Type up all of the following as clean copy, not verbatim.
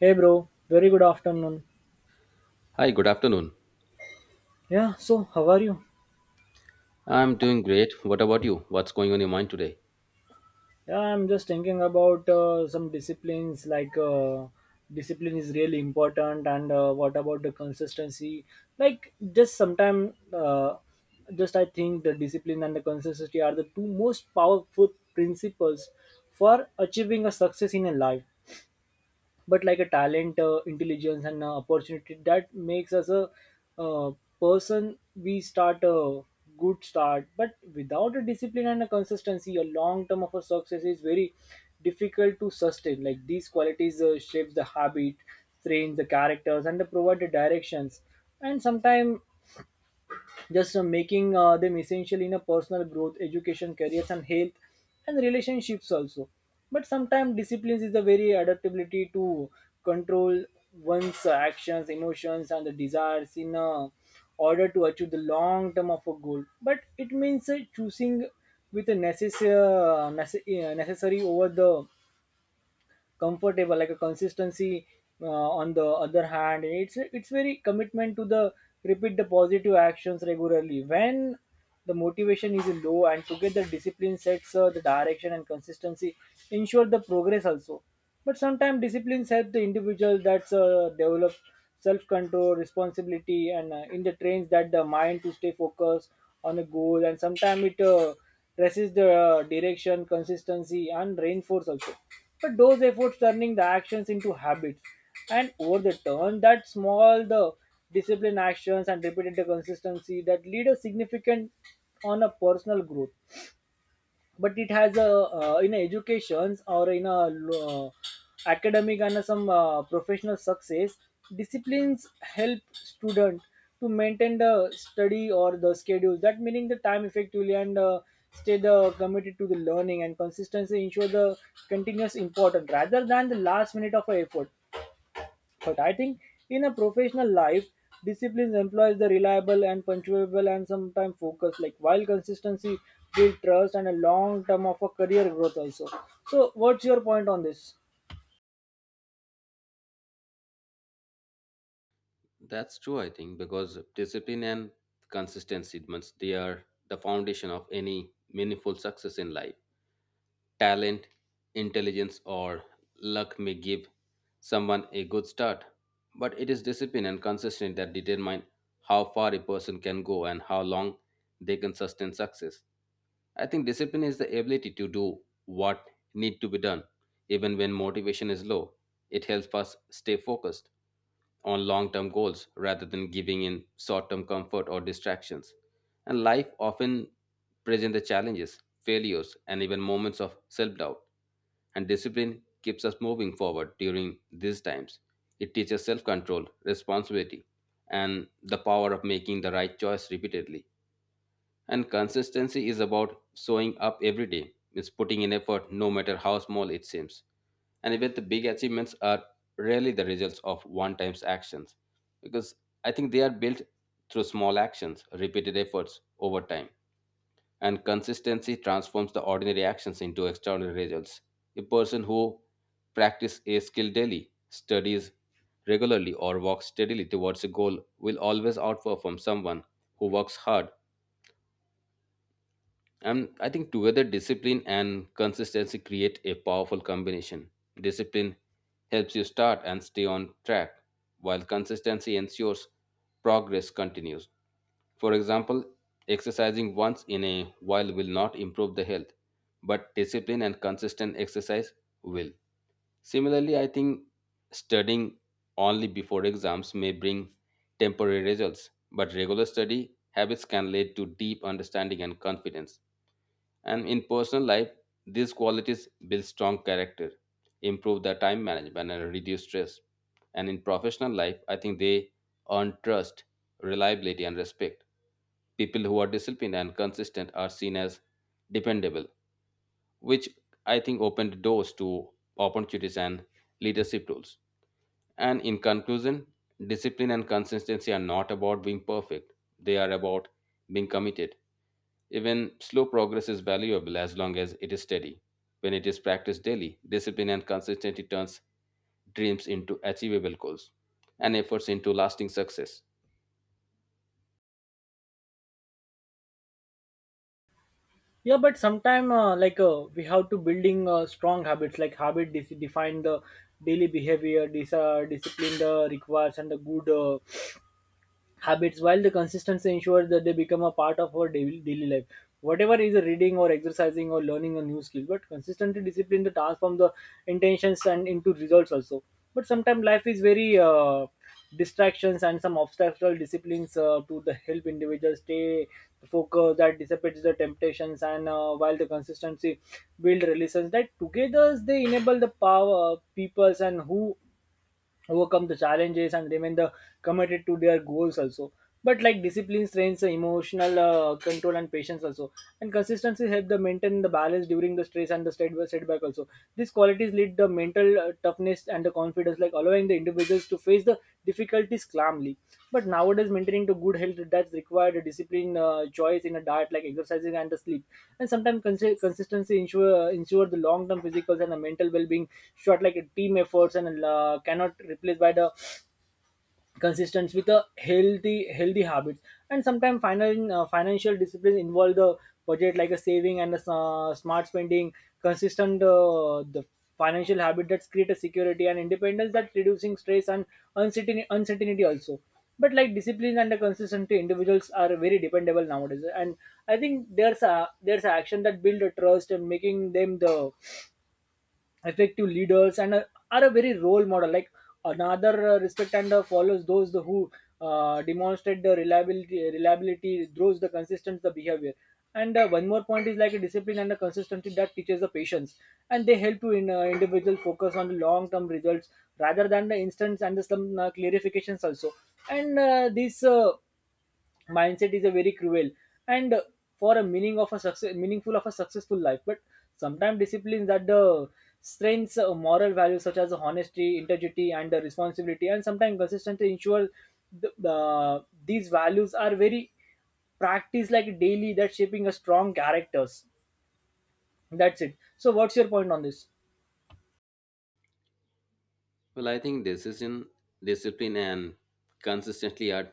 Hey bro, very good afternoon. Hi, good afternoon. Yeah, so how are you? I'm doing great. What about you? What's going on your mind today? Yeah, I'm just thinking about some disciplines like discipline is really important, and what about the consistency? Like just sometimes, just I think the discipline and the consistency are the two most powerful principles for achieving a success in a life. But like a talent, intelligence, and opportunity that makes us a uh, person, we start a good start, but without a discipline and a consistency, a long term of a success is very difficult to sustain. Like these qualities shapes the habit, trains the characters, and they provide the directions. And sometimes just making them essential in a personal growth, education, careers, and health and relationships also. But sometimes disciplines is the very adaptability to control one's actions, emotions, and the desires in order to achieve the long term of a goal. But it means choosing with a necessary over the comfortable. Like a consistency, uh, on the other hand, it's very commitment to the repeat the positive actions regularly when the motivation is low. And together, discipline sets the direction and consistency ensure the progress also. But sometimes disciplines help the individual that's develop self-control, responsibility, and in the trains that the mind to stay focused on a goal. And sometimes it resist the direction, consistency, and reinforce also. But those efforts turning the actions into habits, and over the turn, that small the discipline actions and repeated the consistency that lead a significant on a personal growth. But it has a in educations or in a academic and some professional success, disciplines help student to maintain the study or the schedule that meaning the time effectively, and stay the committed to the learning, and consistency ensure the continuous importance rather than the last minute of a effort. But I think in a professional life, discipline employs the reliable and punctual and sometimes focus. Like while consistency build trust and a long term of a career growth also. So what's your point on this? That's true, I think, because discipline and consistency means they are the foundation of any meaningful success in life. Talent, intelligence, or luck may give someone a good start, but it is discipline and consistency that determine how far a person can go and how long they can sustain success. I think discipline is the ability to do what need to be done, even when motivation is low. It helps us stay focused on long term goals rather than giving in short term comfort or distractions. And life often presents the challenges, failures, and even moments of self doubt. And discipline keeps us moving forward during these times. It teaches self control, responsibility, and the power of making the right choice repeatedly. And consistency is about showing up every day. It's putting in effort no matter how small it seems. And even the big achievements are rarely the results of one time's actions because I think they are built through small actions, repeated efforts over time. And consistency transforms the ordinary actions into extraordinary results. A person who practices a skill daily, studies regularly, or walks steadily towards a goal will always outperform someone who works hard. And I think together, discipline and consistency create a powerful combination. Discipline helps you start and stay on track, while consistency ensures progress continues. For example, exercising once in a while will not improve the health, but discipline and consistent exercise will. Similarly, I think studying only before exams may bring temporary results, but regular study habits can lead to deep understanding and confidence. And in personal life, these qualities build strong character, improve the time management, and reduce stress. And in professional life, I think they earn trust, reliability, and respect. People who are disciplined and consistent are seen as dependable, which I think opened doors to opportunities and leadership roles. And in conclusion, discipline and consistency are not about being perfect, they are about being committed. Even slow progress is valuable as long as it is steady. When it is practiced daily, discipline and consistency turns dreams into achievable goals and efforts into lasting success. Yeah, but sometime like we have to building strong habits. Like habit define the daily behavior, discipline the requires and the good. Habits, while the consistency ensures that they become a part of our daily life, whatever is a reading or exercising or learning a new skill. But consistently discipline the transform the intentions and into results also. But sometimes life is very distractions and some obstacle. Disciplines to the help individuals stay focused that dissipates the temptations, and while the consistency build relations that together, they enable the power peoples and who overcome the challenges and remain the committed to their goals also. But like discipline strains emotional control and patience also, and consistency help the maintain the balance during the stress and the setback also. These qualities lead the mental toughness and the confidence, like allowing the individual begins to face the difficulties calmly. But nowadays, maintaining the good health that's required discipline, choice in a diet like exercising and the sleep, and sometimes consistency ensure the long term physical and the mental well being. Short like a team efforts and cannot replaced by the consistent with a healthy habits. And sometimes financial discipline involve the budget like a saving and a smart spending. Consistent the financial habit that create a security and independence that reducing stress and uncertainty also. But like discipline and the consistency, individuals are very dependable nowadays, and I think there's a action that build a trust and making them the effective leaders and are a very role model, like another respect and follows those the who demonstrate the reliability those the consistent the behavior. And one more point is like a discipline and a consistency that teaches the patience, and they help to in, individual focus on the long term results rather than the instance and the some clarifications also. And this mindset is a very cruel and for a meaning of a success, meaningful of a successful life. But sometimes disciplines that the strengths moral values such as honesty, integrity, and responsibility, and sometimes consistency ensure the, these values are very practiced like daily that shaping a strong characters. That's it. So what's your point on this? Well, I think decision, discipline, and consistency are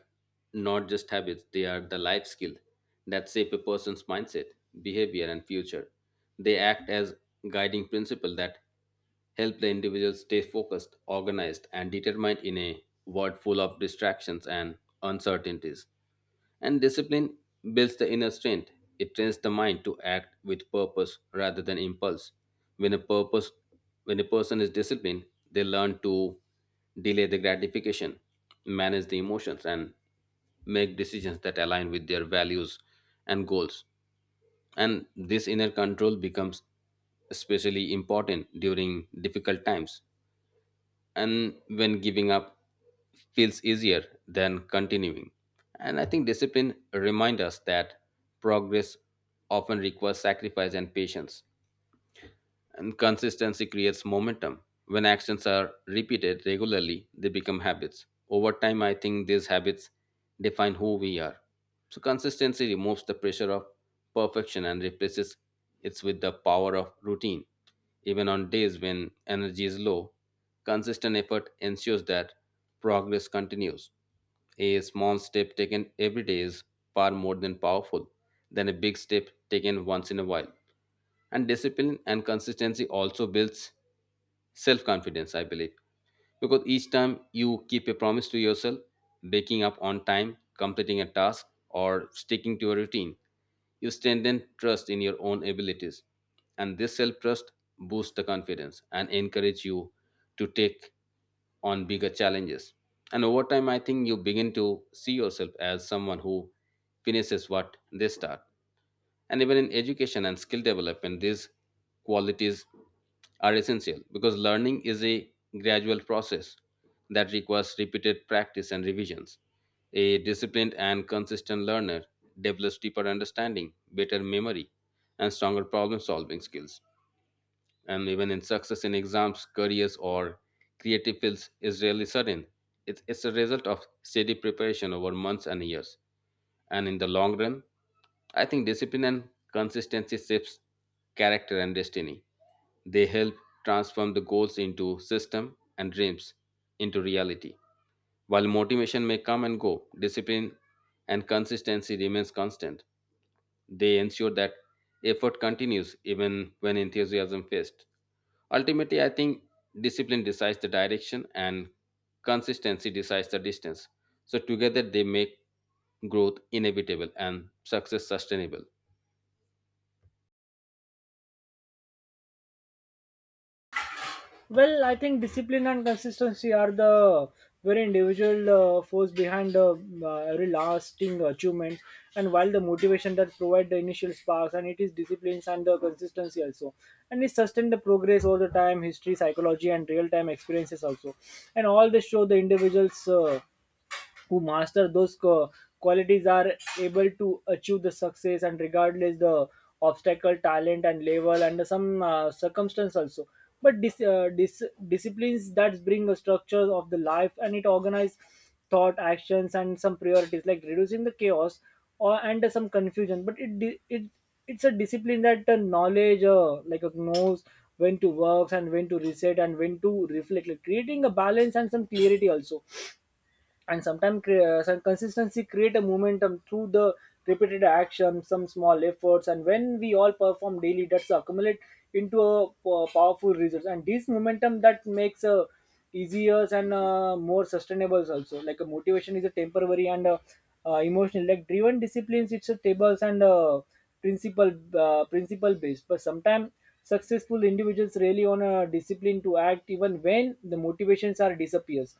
not just habits, they are the life skill that shape a person's mindset, behavior, and future. They act as guiding principle that help the individual stay focused, organized, and determined in a world full of distractions and uncertainties. And discipline builds the inner strength. It trains the mind to act with purpose rather than impulse. When a purpose when a person is disciplined, they learn to delay the gratification, manage the emotions and make decisions that align with their values and goals. And this inner control becomes especially important during difficult times and when giving up feels easier than continuing. And I think discipline reminds us that progress often requires sacrifice and patience. And consistency creates momentum. When actions are repeated regularly, they become habits. Over time, I think these habits define who we are. So, consistency removes the pressure of perfection and replaces it with the power of routine. Even on days when energy is low, consistent effort ensures that progress continues. A small step taken every day is far more than powerful than a big step taken once in a while. And discipline and consistency also builds self confidence, I believe, because each time you keep a promise to yourself, waking up on time, completing a task, or sticking to a routine, you strengthen trust in your own abilities. And this self trust boosts the confidence and encourage you to take on bigger challenges. And over time, I think you begin to see yourself as someone who finishes what they start. And even in education and skill development, these qualities are essential because learning is a gradual process that requires repeated practice and revisions. A disciplined and consistent learner develops deeper understanding, better memory, and stronger problem solving skills. And even in success in exams, careers, or creative fields is rarely sudden. It's a result of steady preparation over months and years. And in the long run, I think discipline and consistency shapes character and destiny. They help transform the goals into system and dreams into reality. While motivation may come and go, discipline and consistency remains constant. They ensure that effort continues even when enthusiasm fades. Ultimately, I think discipline decides the direction and consistency decides the distance. So together they make growth inevitable and success sustainable. Well, I think discipline and consistency are the very individual force behind every lasting achievement. And while the motivation that provide the initial sparks, and it is disciplines and the consistency also, and it sustain the progress over the time, history, psychology, and real time experiences also, and all this show the individuals. Who master those qualities are able to achieve the success, and regardless the obstacle, talent and level and some circumstance also. But disciplines that bring a structure of the life, and it organize thought, actions, and some priorities, like reducing the chaos or and some confusion. But it, it's a discipline that knowledge, like knows when to work and when to reset and when to reflect, like creating a balance and some clarity also. And sometimes some consistency create a momentum through the repeated action, some small efforts, and when we all perform daily, that's accumulate into a powerful results, and this momentum that makes a easier and more sustainable also. Like a motivation is a temporary and emotional, like driven disciplines, it's a tables and principle, principle based. But sometimes successful individuals really on a discipline to act even when the motivations are disappears.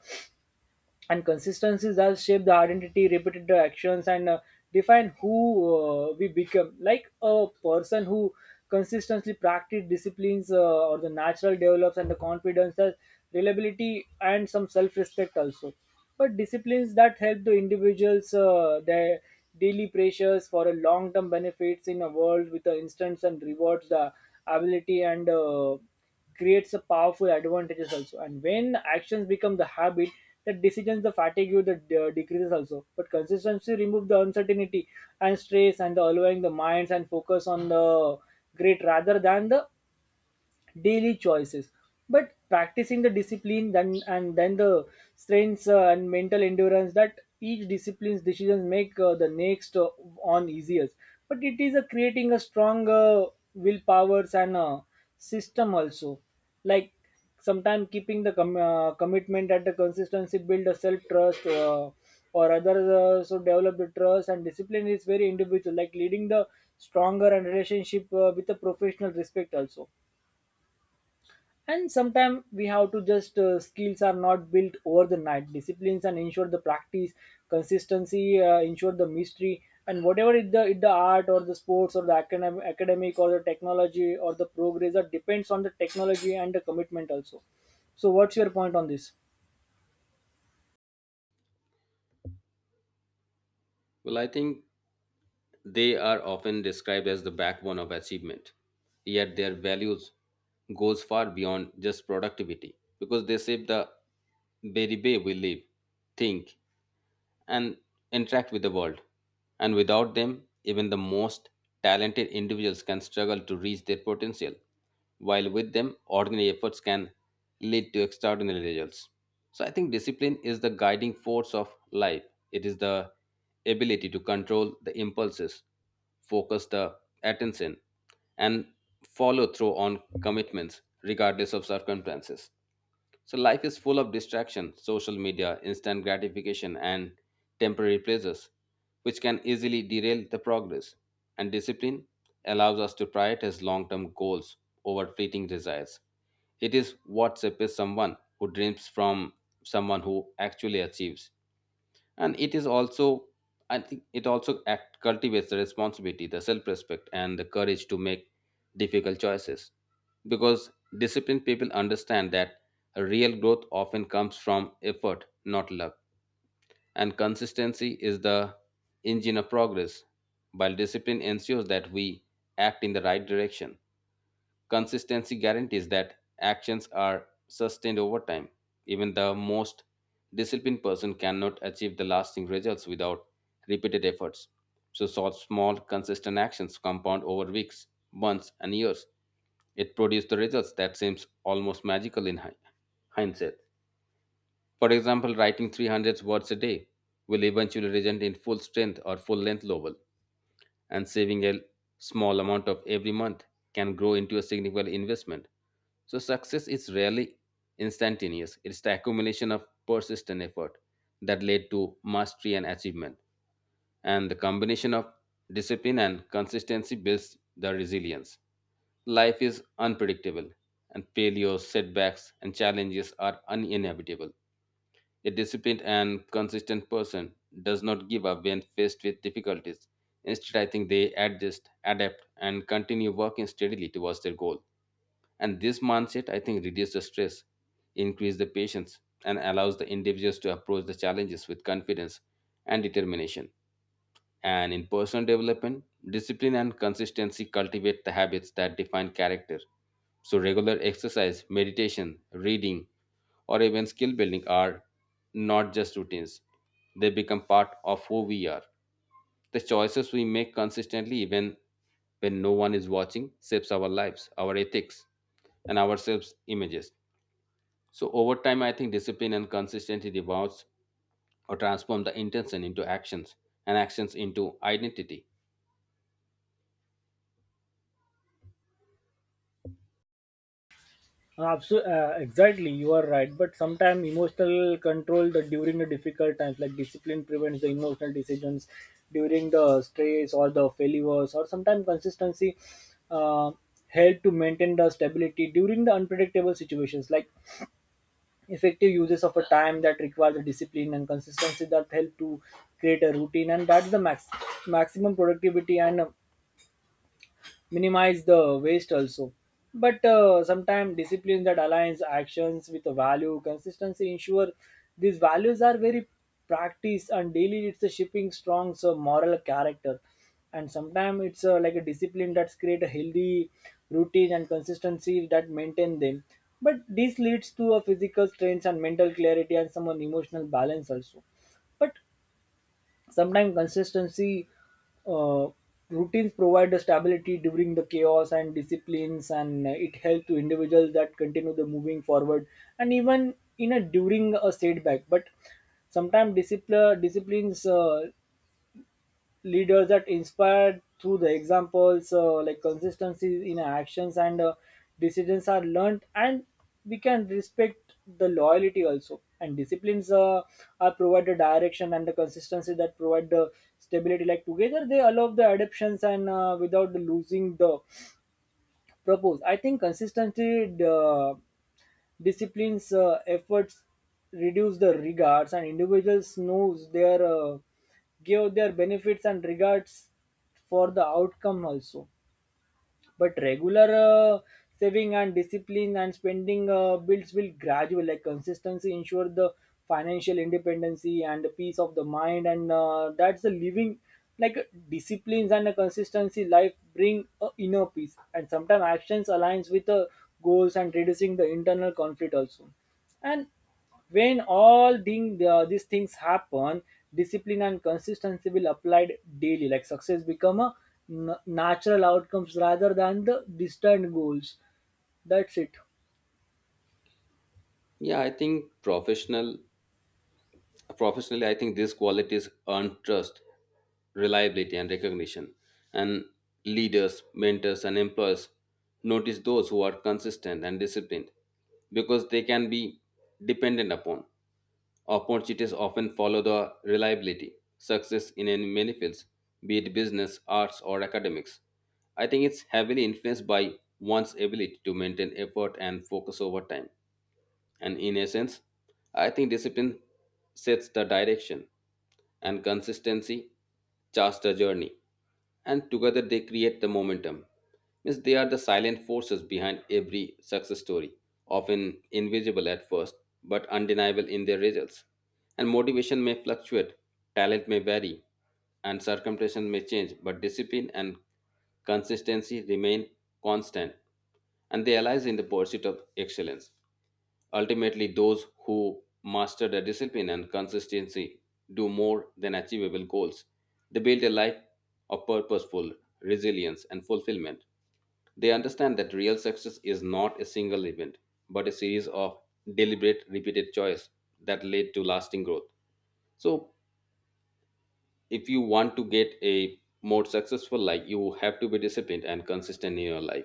And consistencies that shape the identity, repeated the actions, and define who we become. Like a person who consistently practice disciplines, or the natural develops and the confidence that reliability and some self-respect also. But disciplines that help the individuals their daily pressures for a long-term benefits in a world with the instants and rewards, the ability and creates a powerful advantages also. And when actions become the habit, the decisions, the fatigue the decreases also. But consistency remove the uncertainty and stress, and the allowing the minds and focus on the great rather than the daily choices. But practicing the discipline then and then, the strengths and mental endurance that each discipline's decisions make the next on easier. But it is creating a strong willpowers and system also. Like sometimes keeping the commitment at the consistency build a self trust, or other so develop the trust and discipline is very individual, like leading the stronger and relationship with the professional respect also. And sometimes we have to just skills are not built over the night. Disciplines and ensure the practice, consistency ensure the mystery. And whatever it the art or the sports or the academic or the technology or the progress that depends on the technology and the commitment also. So what's your point on this? Well, I think they are often described as the backbone of achievement. Yet their values goes far beyond just productivity because they shape the very way we live, think, and interact with the world. And without them, even the most talented individuals can struggle to reach their potential, while with them, ordinary efforts can lead to extraordinary results. So I think discipline is the guiding force of life. It is the ability to control the impulses, focus the attention, and follow through on commitments regardless of circumstances. So life is full of distraction, social media, instant gratification, and temporary pleasures, which can easily derail the progress. And discipline allows us to prioritize long-term goals over fleeting desires. It is what separates someone who dreams from someone who actually achieves. And it is also, I think it also act, cultivates the responsibility, the self-respect, and the courage to make difficult choices because disciplined people understand that real growth often comes from effort not luck. And consistency is the engine of progress. While discipline ensures that we act in the right direction, consistency guarantees that actions are sustained over time. Even the most disciplined person cannot achieve the lasting results without repeated efforts. So, small, consistent actions compound over weeks, months, and years. It produces the results that seems almost magical in hindsight. For example, writing 300 words a day will eventually result in full strength or full length novel. And saving a small amount of every month can grow into a significant investment. So success is rarely instantaneous. It's the accumulation of persistent effort that led to mastery and achievement. And the combination of discipline and consistency builds the resilience. Life is unpredictable, and failures, setbacks, and challenges are uninevitable. A disciplined and consistent person does not give up when faced with difficulties. Instead, I think they adjust, adapt, and continue working steadily towards their goal. And this mindset, I think, reduces the stress, increases the patience, and allows the individuals to approach the challenges with confidence and determination. And in personal development, discipline and consistency cultivate the habits that define character. So, regular exercise, meditation, reading, or even skill building are not just routines, they become part of who we are. The choices we make consistently, even when no one is watching, shapes our lives, our ethics, and ourselves images. So, over time, I think discipline and consistency develops or transform the intention into actions and actions into identity. Absolutely, exactly. You are right. But sometimes emotional control the during the difficult times, like discipline prevents the emotional decisions during the stress or the failures, or sometimes consistency uh, help to maintain the stability during the unpredictable situations. Like effective uses of a time that require the discipline and consistency that help to create a routine, and that's the maximum productivity, and minimize the waste also. But sometimes discipline that aligns actions with a value, consistency ensure these values are very practiced and daily, it's a shipping strong so moral character. And sometimes it's like a discipline that's create a healthy routine and consistency that maintain them. But this leads to a physical strength and mental clarity and some emotional balance also. But sometimes consistency, uh, routines provide the stability during the chaos, and disciplines and it helps to individuals that continue the moving forward, and even in a during a setback. But sometimes disciplines leaders that inspired through the examples, like consistency in actions and decisions are learned, and we can respect the loyalty also. And disciplines are provide the direction and the consistency that provide the stability, like together they allow the adaptations and without the losing the propose. I think consistency disciplines efforts reduce the regards and individuals knows their give their benefits and regards for the outcome also. But regular saving and discipline and spending builds will gradual like consistency ensure the financial independency and the peace of the mind, and that's the living, like disciplines and a consistency life bring a inner peace, and sometimes actions aligns with the goals and reducing the internal conflict also. And when these things happen, discipline and consistency will applied daily. Like success become a natural outcomes rather than the distant goals. That's it. Yeah, I think professionally, I think these qualities earn trust, reliability, and recognition. And leaders, mentors, and employers notice those who are consistent and disciplined because they can be dependent upon. Opportunities often follow the reliability, success in any many fields, be it business, arts, or academics. I think it's heavily influenced by one's ability to maintain effort and focus over time. And in essence, I think discipline sets the direction and consistency charts the journey. And together they create the momentum. Means they are the silent forces behind every success story, often invisible at first, but undeniable in their results. And motivation may fluctuate, talent may vary, and circumstances may change, but discipline and consistency remain constant and they align in the pursuit of excellence. Ultimately, those who master the discipline and consistency do more than achievable goals. They build a life of purposeful resilience and fulfillment. They understand that real success is not a single event, but a series of deliberate, repeated choice that lead to lasting growth. So, if you want to get a more successful life, you have to be disciplined and consistent in your life.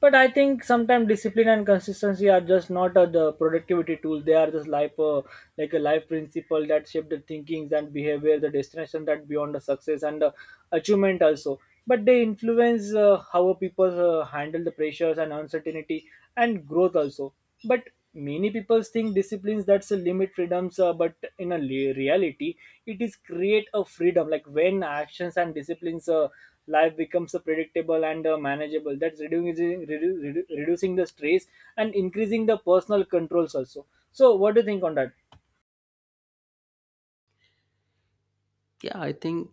But I think sometimes discipline and consistency are just not the productivity tools. They are just life, like a life principle that shape the thinkings and behavior, the destination that beyond the success and the achievement also. But they influence how people handle the pressures and uncertainty and growth also. But many people think disciplines that's a limit freedoms, but in a reality, it is create a freedom. Like when actions and disciplines. Life becomes a predictable and manageable, that's reducing reducing the stress and increasing the personal controls also. So what do you think on that? Yeah, I think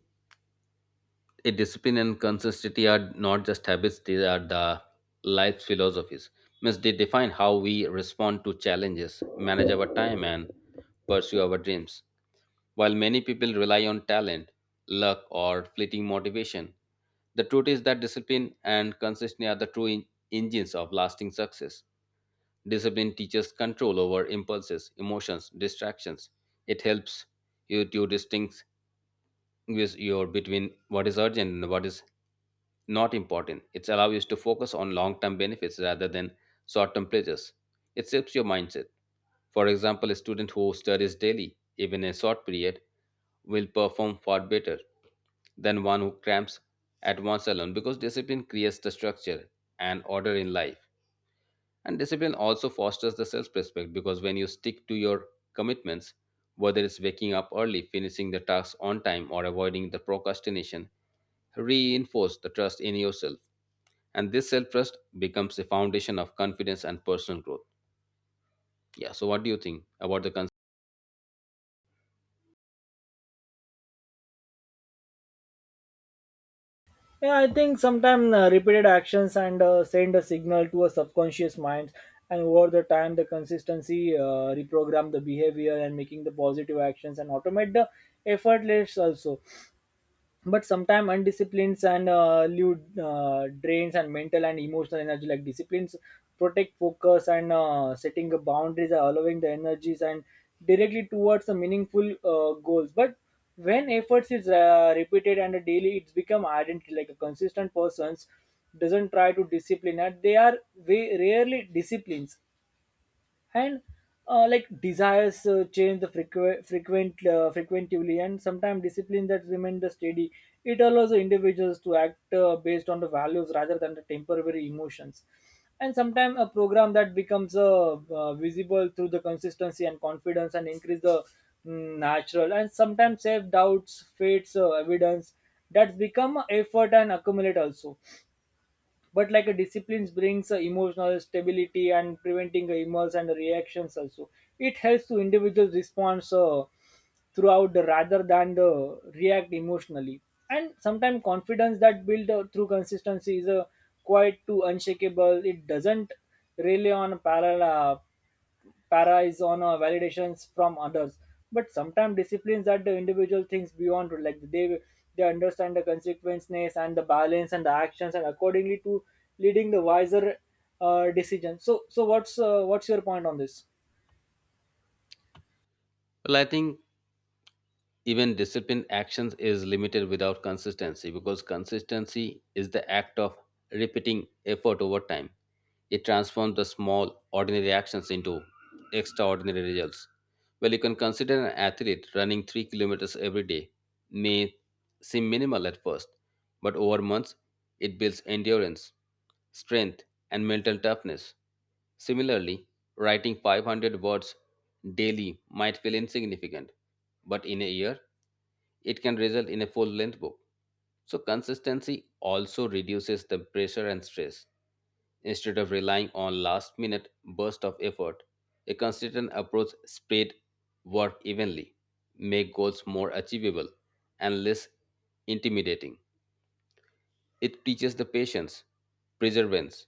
a discipline and consistency are not just habits, they are the life philosophies. Means they define how we respond to challenges, manage our time, and pursue our dreams. While many people rely on talent, luck, or fleeting motivation, the truth is that discipline and consistency are the true engines of lasting success. Discipline teaches control over impulses, emotions, distractions. It helps you to distinct with your between what is urgent and what is not important. It allows you to focus on long-term benefits rather than short-term pleasures. It shapes your mindset. For example, a student who studies daily, even a short period, will perform far better than one who cramps at once alone because discipline creates the structure and order in life. And discipline also fosters the self respect because when you stick to your commitments, whether it's waking up early, finishing the tasks on time, or avoiding the procrastination, reinforce the trust in yourself. And this self trust becomes the foundation of confidence and personal growth. Yeah, so what do you think about the concept? Yeah, I think sometimes repeated actions and send a signal to a subconscious mind, and over the time the consistency reprogram the behavior and making the positive actions and automate the effortless also. But sometimes undisciplines and lewd drains and mental and emotional energy, like disciplines protect focus and setting the boundaries and allowing the energies and directly towards the meaningful goals. But when efforts is repeated and daily, it's become identity, like a consistent persons doesn't try to discipline and they are very rarely disciplines. And like desires change the frequently, and sometimes discipline that remain the steady. It allows the individuals to act based on the values rather than the temporary emotions. And sometimes a program that becomes visible through the consistency and confidence and increase the natural, and sometimes self doubts fates evidence that's become effort and accumulate also. But like a discipline brings a emotional stability and preventing the emails and reactions also. It helps to individual response throughout the rather than the react emotionally. And sometimes confidence that build through consistency is quite too unshakable. It doesn't rely on parallel uh, para is on validations from others. But sometimes disciplines that the individual thinks beyond, like they understand the consequences and the balance and the actions and accordingly to leading the wiser decision. So what's your point on this? Well, I think even disciplined actions is limited without consistency because consistency is the act of repeating effort over time. It transforms the small, ordinary actions into extraordinary results. Well, you can consider an athlete running 3 kilometers every day may seem minimal at first, but over months, it builds endurance, strength, and mental toughness. Similarly, writing 500 words daily might feel insignificant, but in a year, it can result in a full length book. So, consistency also reduces the pressure and stress. Instead of relying on last minute bursts of effort, a consistent approach spread work evenly, make goals more achievable and less intimidating. It teaches the patience, perseverance,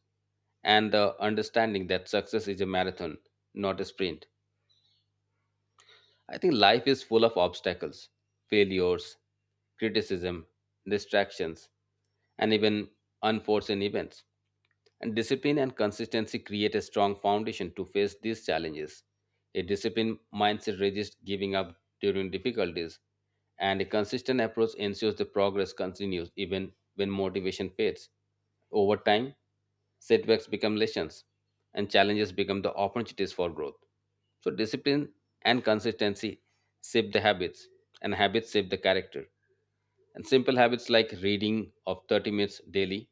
and the understanding that success is a marathon, not a sprint. I think life is full of obstacles, failures, criticism, distractions, and even unforeseen events. And discipline and consistency create a strong foundation to face these challenges. A disciplined mindset resists giving up during difficulties, and a consistent approach ensures the progress continues even when motivation fades. Over time, setbacks become lessons, and challenges become the opportunities for growth. So, discipline and consistency shape the habits, and habits shape the character. And simple habits like reading of 30 minutes daily,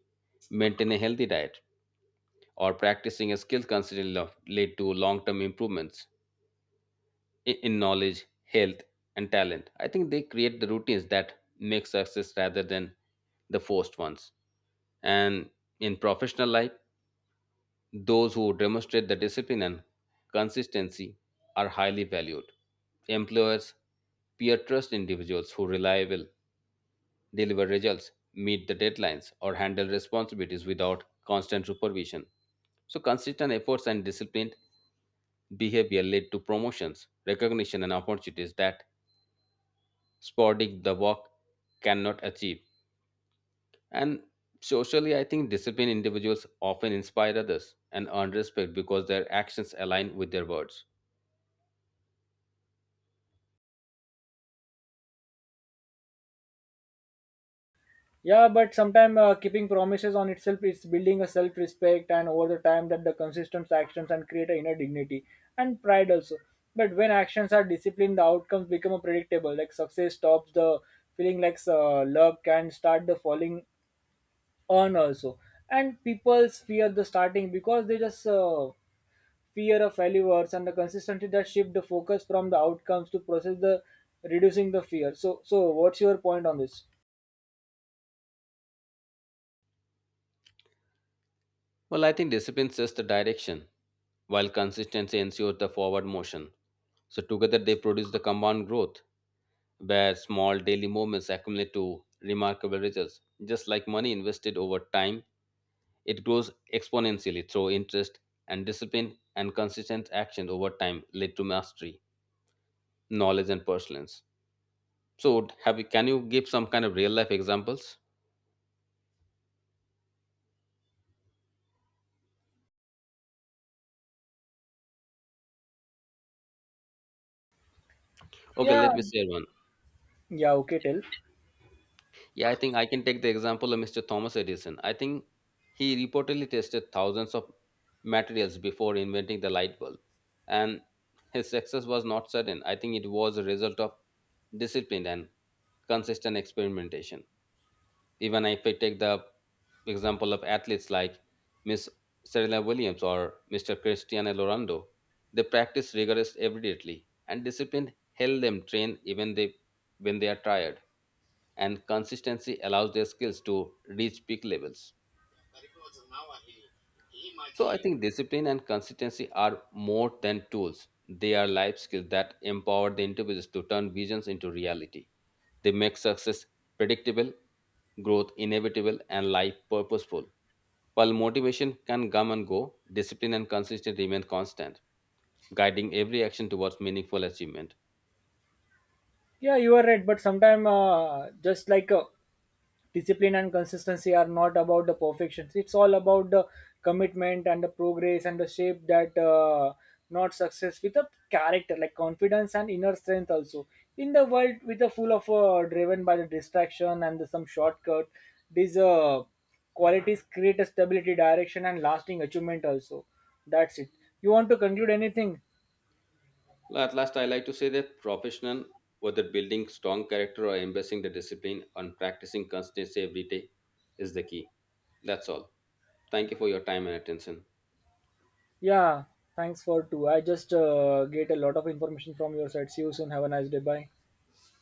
maintain a healthy diet, or practicing a skill constantly lead to long-term improvements in knowledge, health, and talent. I think they create the routines that make success rather than the forced ones. And in professional life, those who demonstrate the discipline and consistency are highly valued. Employers peer trust individuals who reliable deliver results, meet the deadlines, or handle responsibilities without constant supervision. So consistent efforts and discipline behavior led to promotions, recognition, and opportunities that sporadic the work cannot achieve. And socially, I think disciplined individuals often inspire others and earn respect because their actions align with their words. Yeah, but sometimes keeping promises on itself is building a self-respect, and over the time that the consistent actions and create a inner dignity and pride also. But when actions are disciplined, the outcomes become a predictable. Like success stops the feeling like love can start the falling on also, and people fear the starting because they just fear of failures and the consistency that shift the focus from the outcomes to process the reducing the fear. So, so what's your point on this? Well, I think discipline sets the direction, while consistency ensures the forward motion. So together they produce the compound growth, where small daily movements accumulate to remarkable results. Just like money invested over time, it grows exponentially through interest, and discipline and consistent action over time lead to mastery, knowledge, and perseverance. So, can you give some kind of real life examples? Okay, Yeah, let me share one. Yeah, okay, tell. Yeah, I think I can take the example of Mr. Thomas Edison. I think he reportedly tested thousands of materials before inventing the light bulb, and his success was not sudden. I think it was a result of discipline and consistent experimentation. Even if I take the example of athletes like Miss Serena Williams or Mr. Cristiano Ronaldo, they practice rigorous every and discipline help them train even they when they are tired, and consistency allows their skills to reach peak levels. So I think discipline and consistency are more than tools. They are life skills that empower the individuals to turn visions into reality. They make success predictable, growth inevitable, and life purposeful. While motivation can come and go, discipline and consistency remain constant, guiding every action towards meaningful achievement. Yeah, you are right. But sometimes, just like discipline and consistency are not about the perfection. It's all about the commitment and the progress and the shape that not success with a character, like confidence and inner strength also. In the world with a full of driven by the distraction and the, some shortcut, these qualities create a stability, direction, and lasting achievement also. That's it. You want to conclude anything? At last, I like to say that professional, whether building strong character or embracing the discipline and practicing consistency every day, is the key. That's all. Thank you for your time and attention. Yeah, thanks for too. I just get a lot of information from your side. See you soon. Have a nice day. Bye.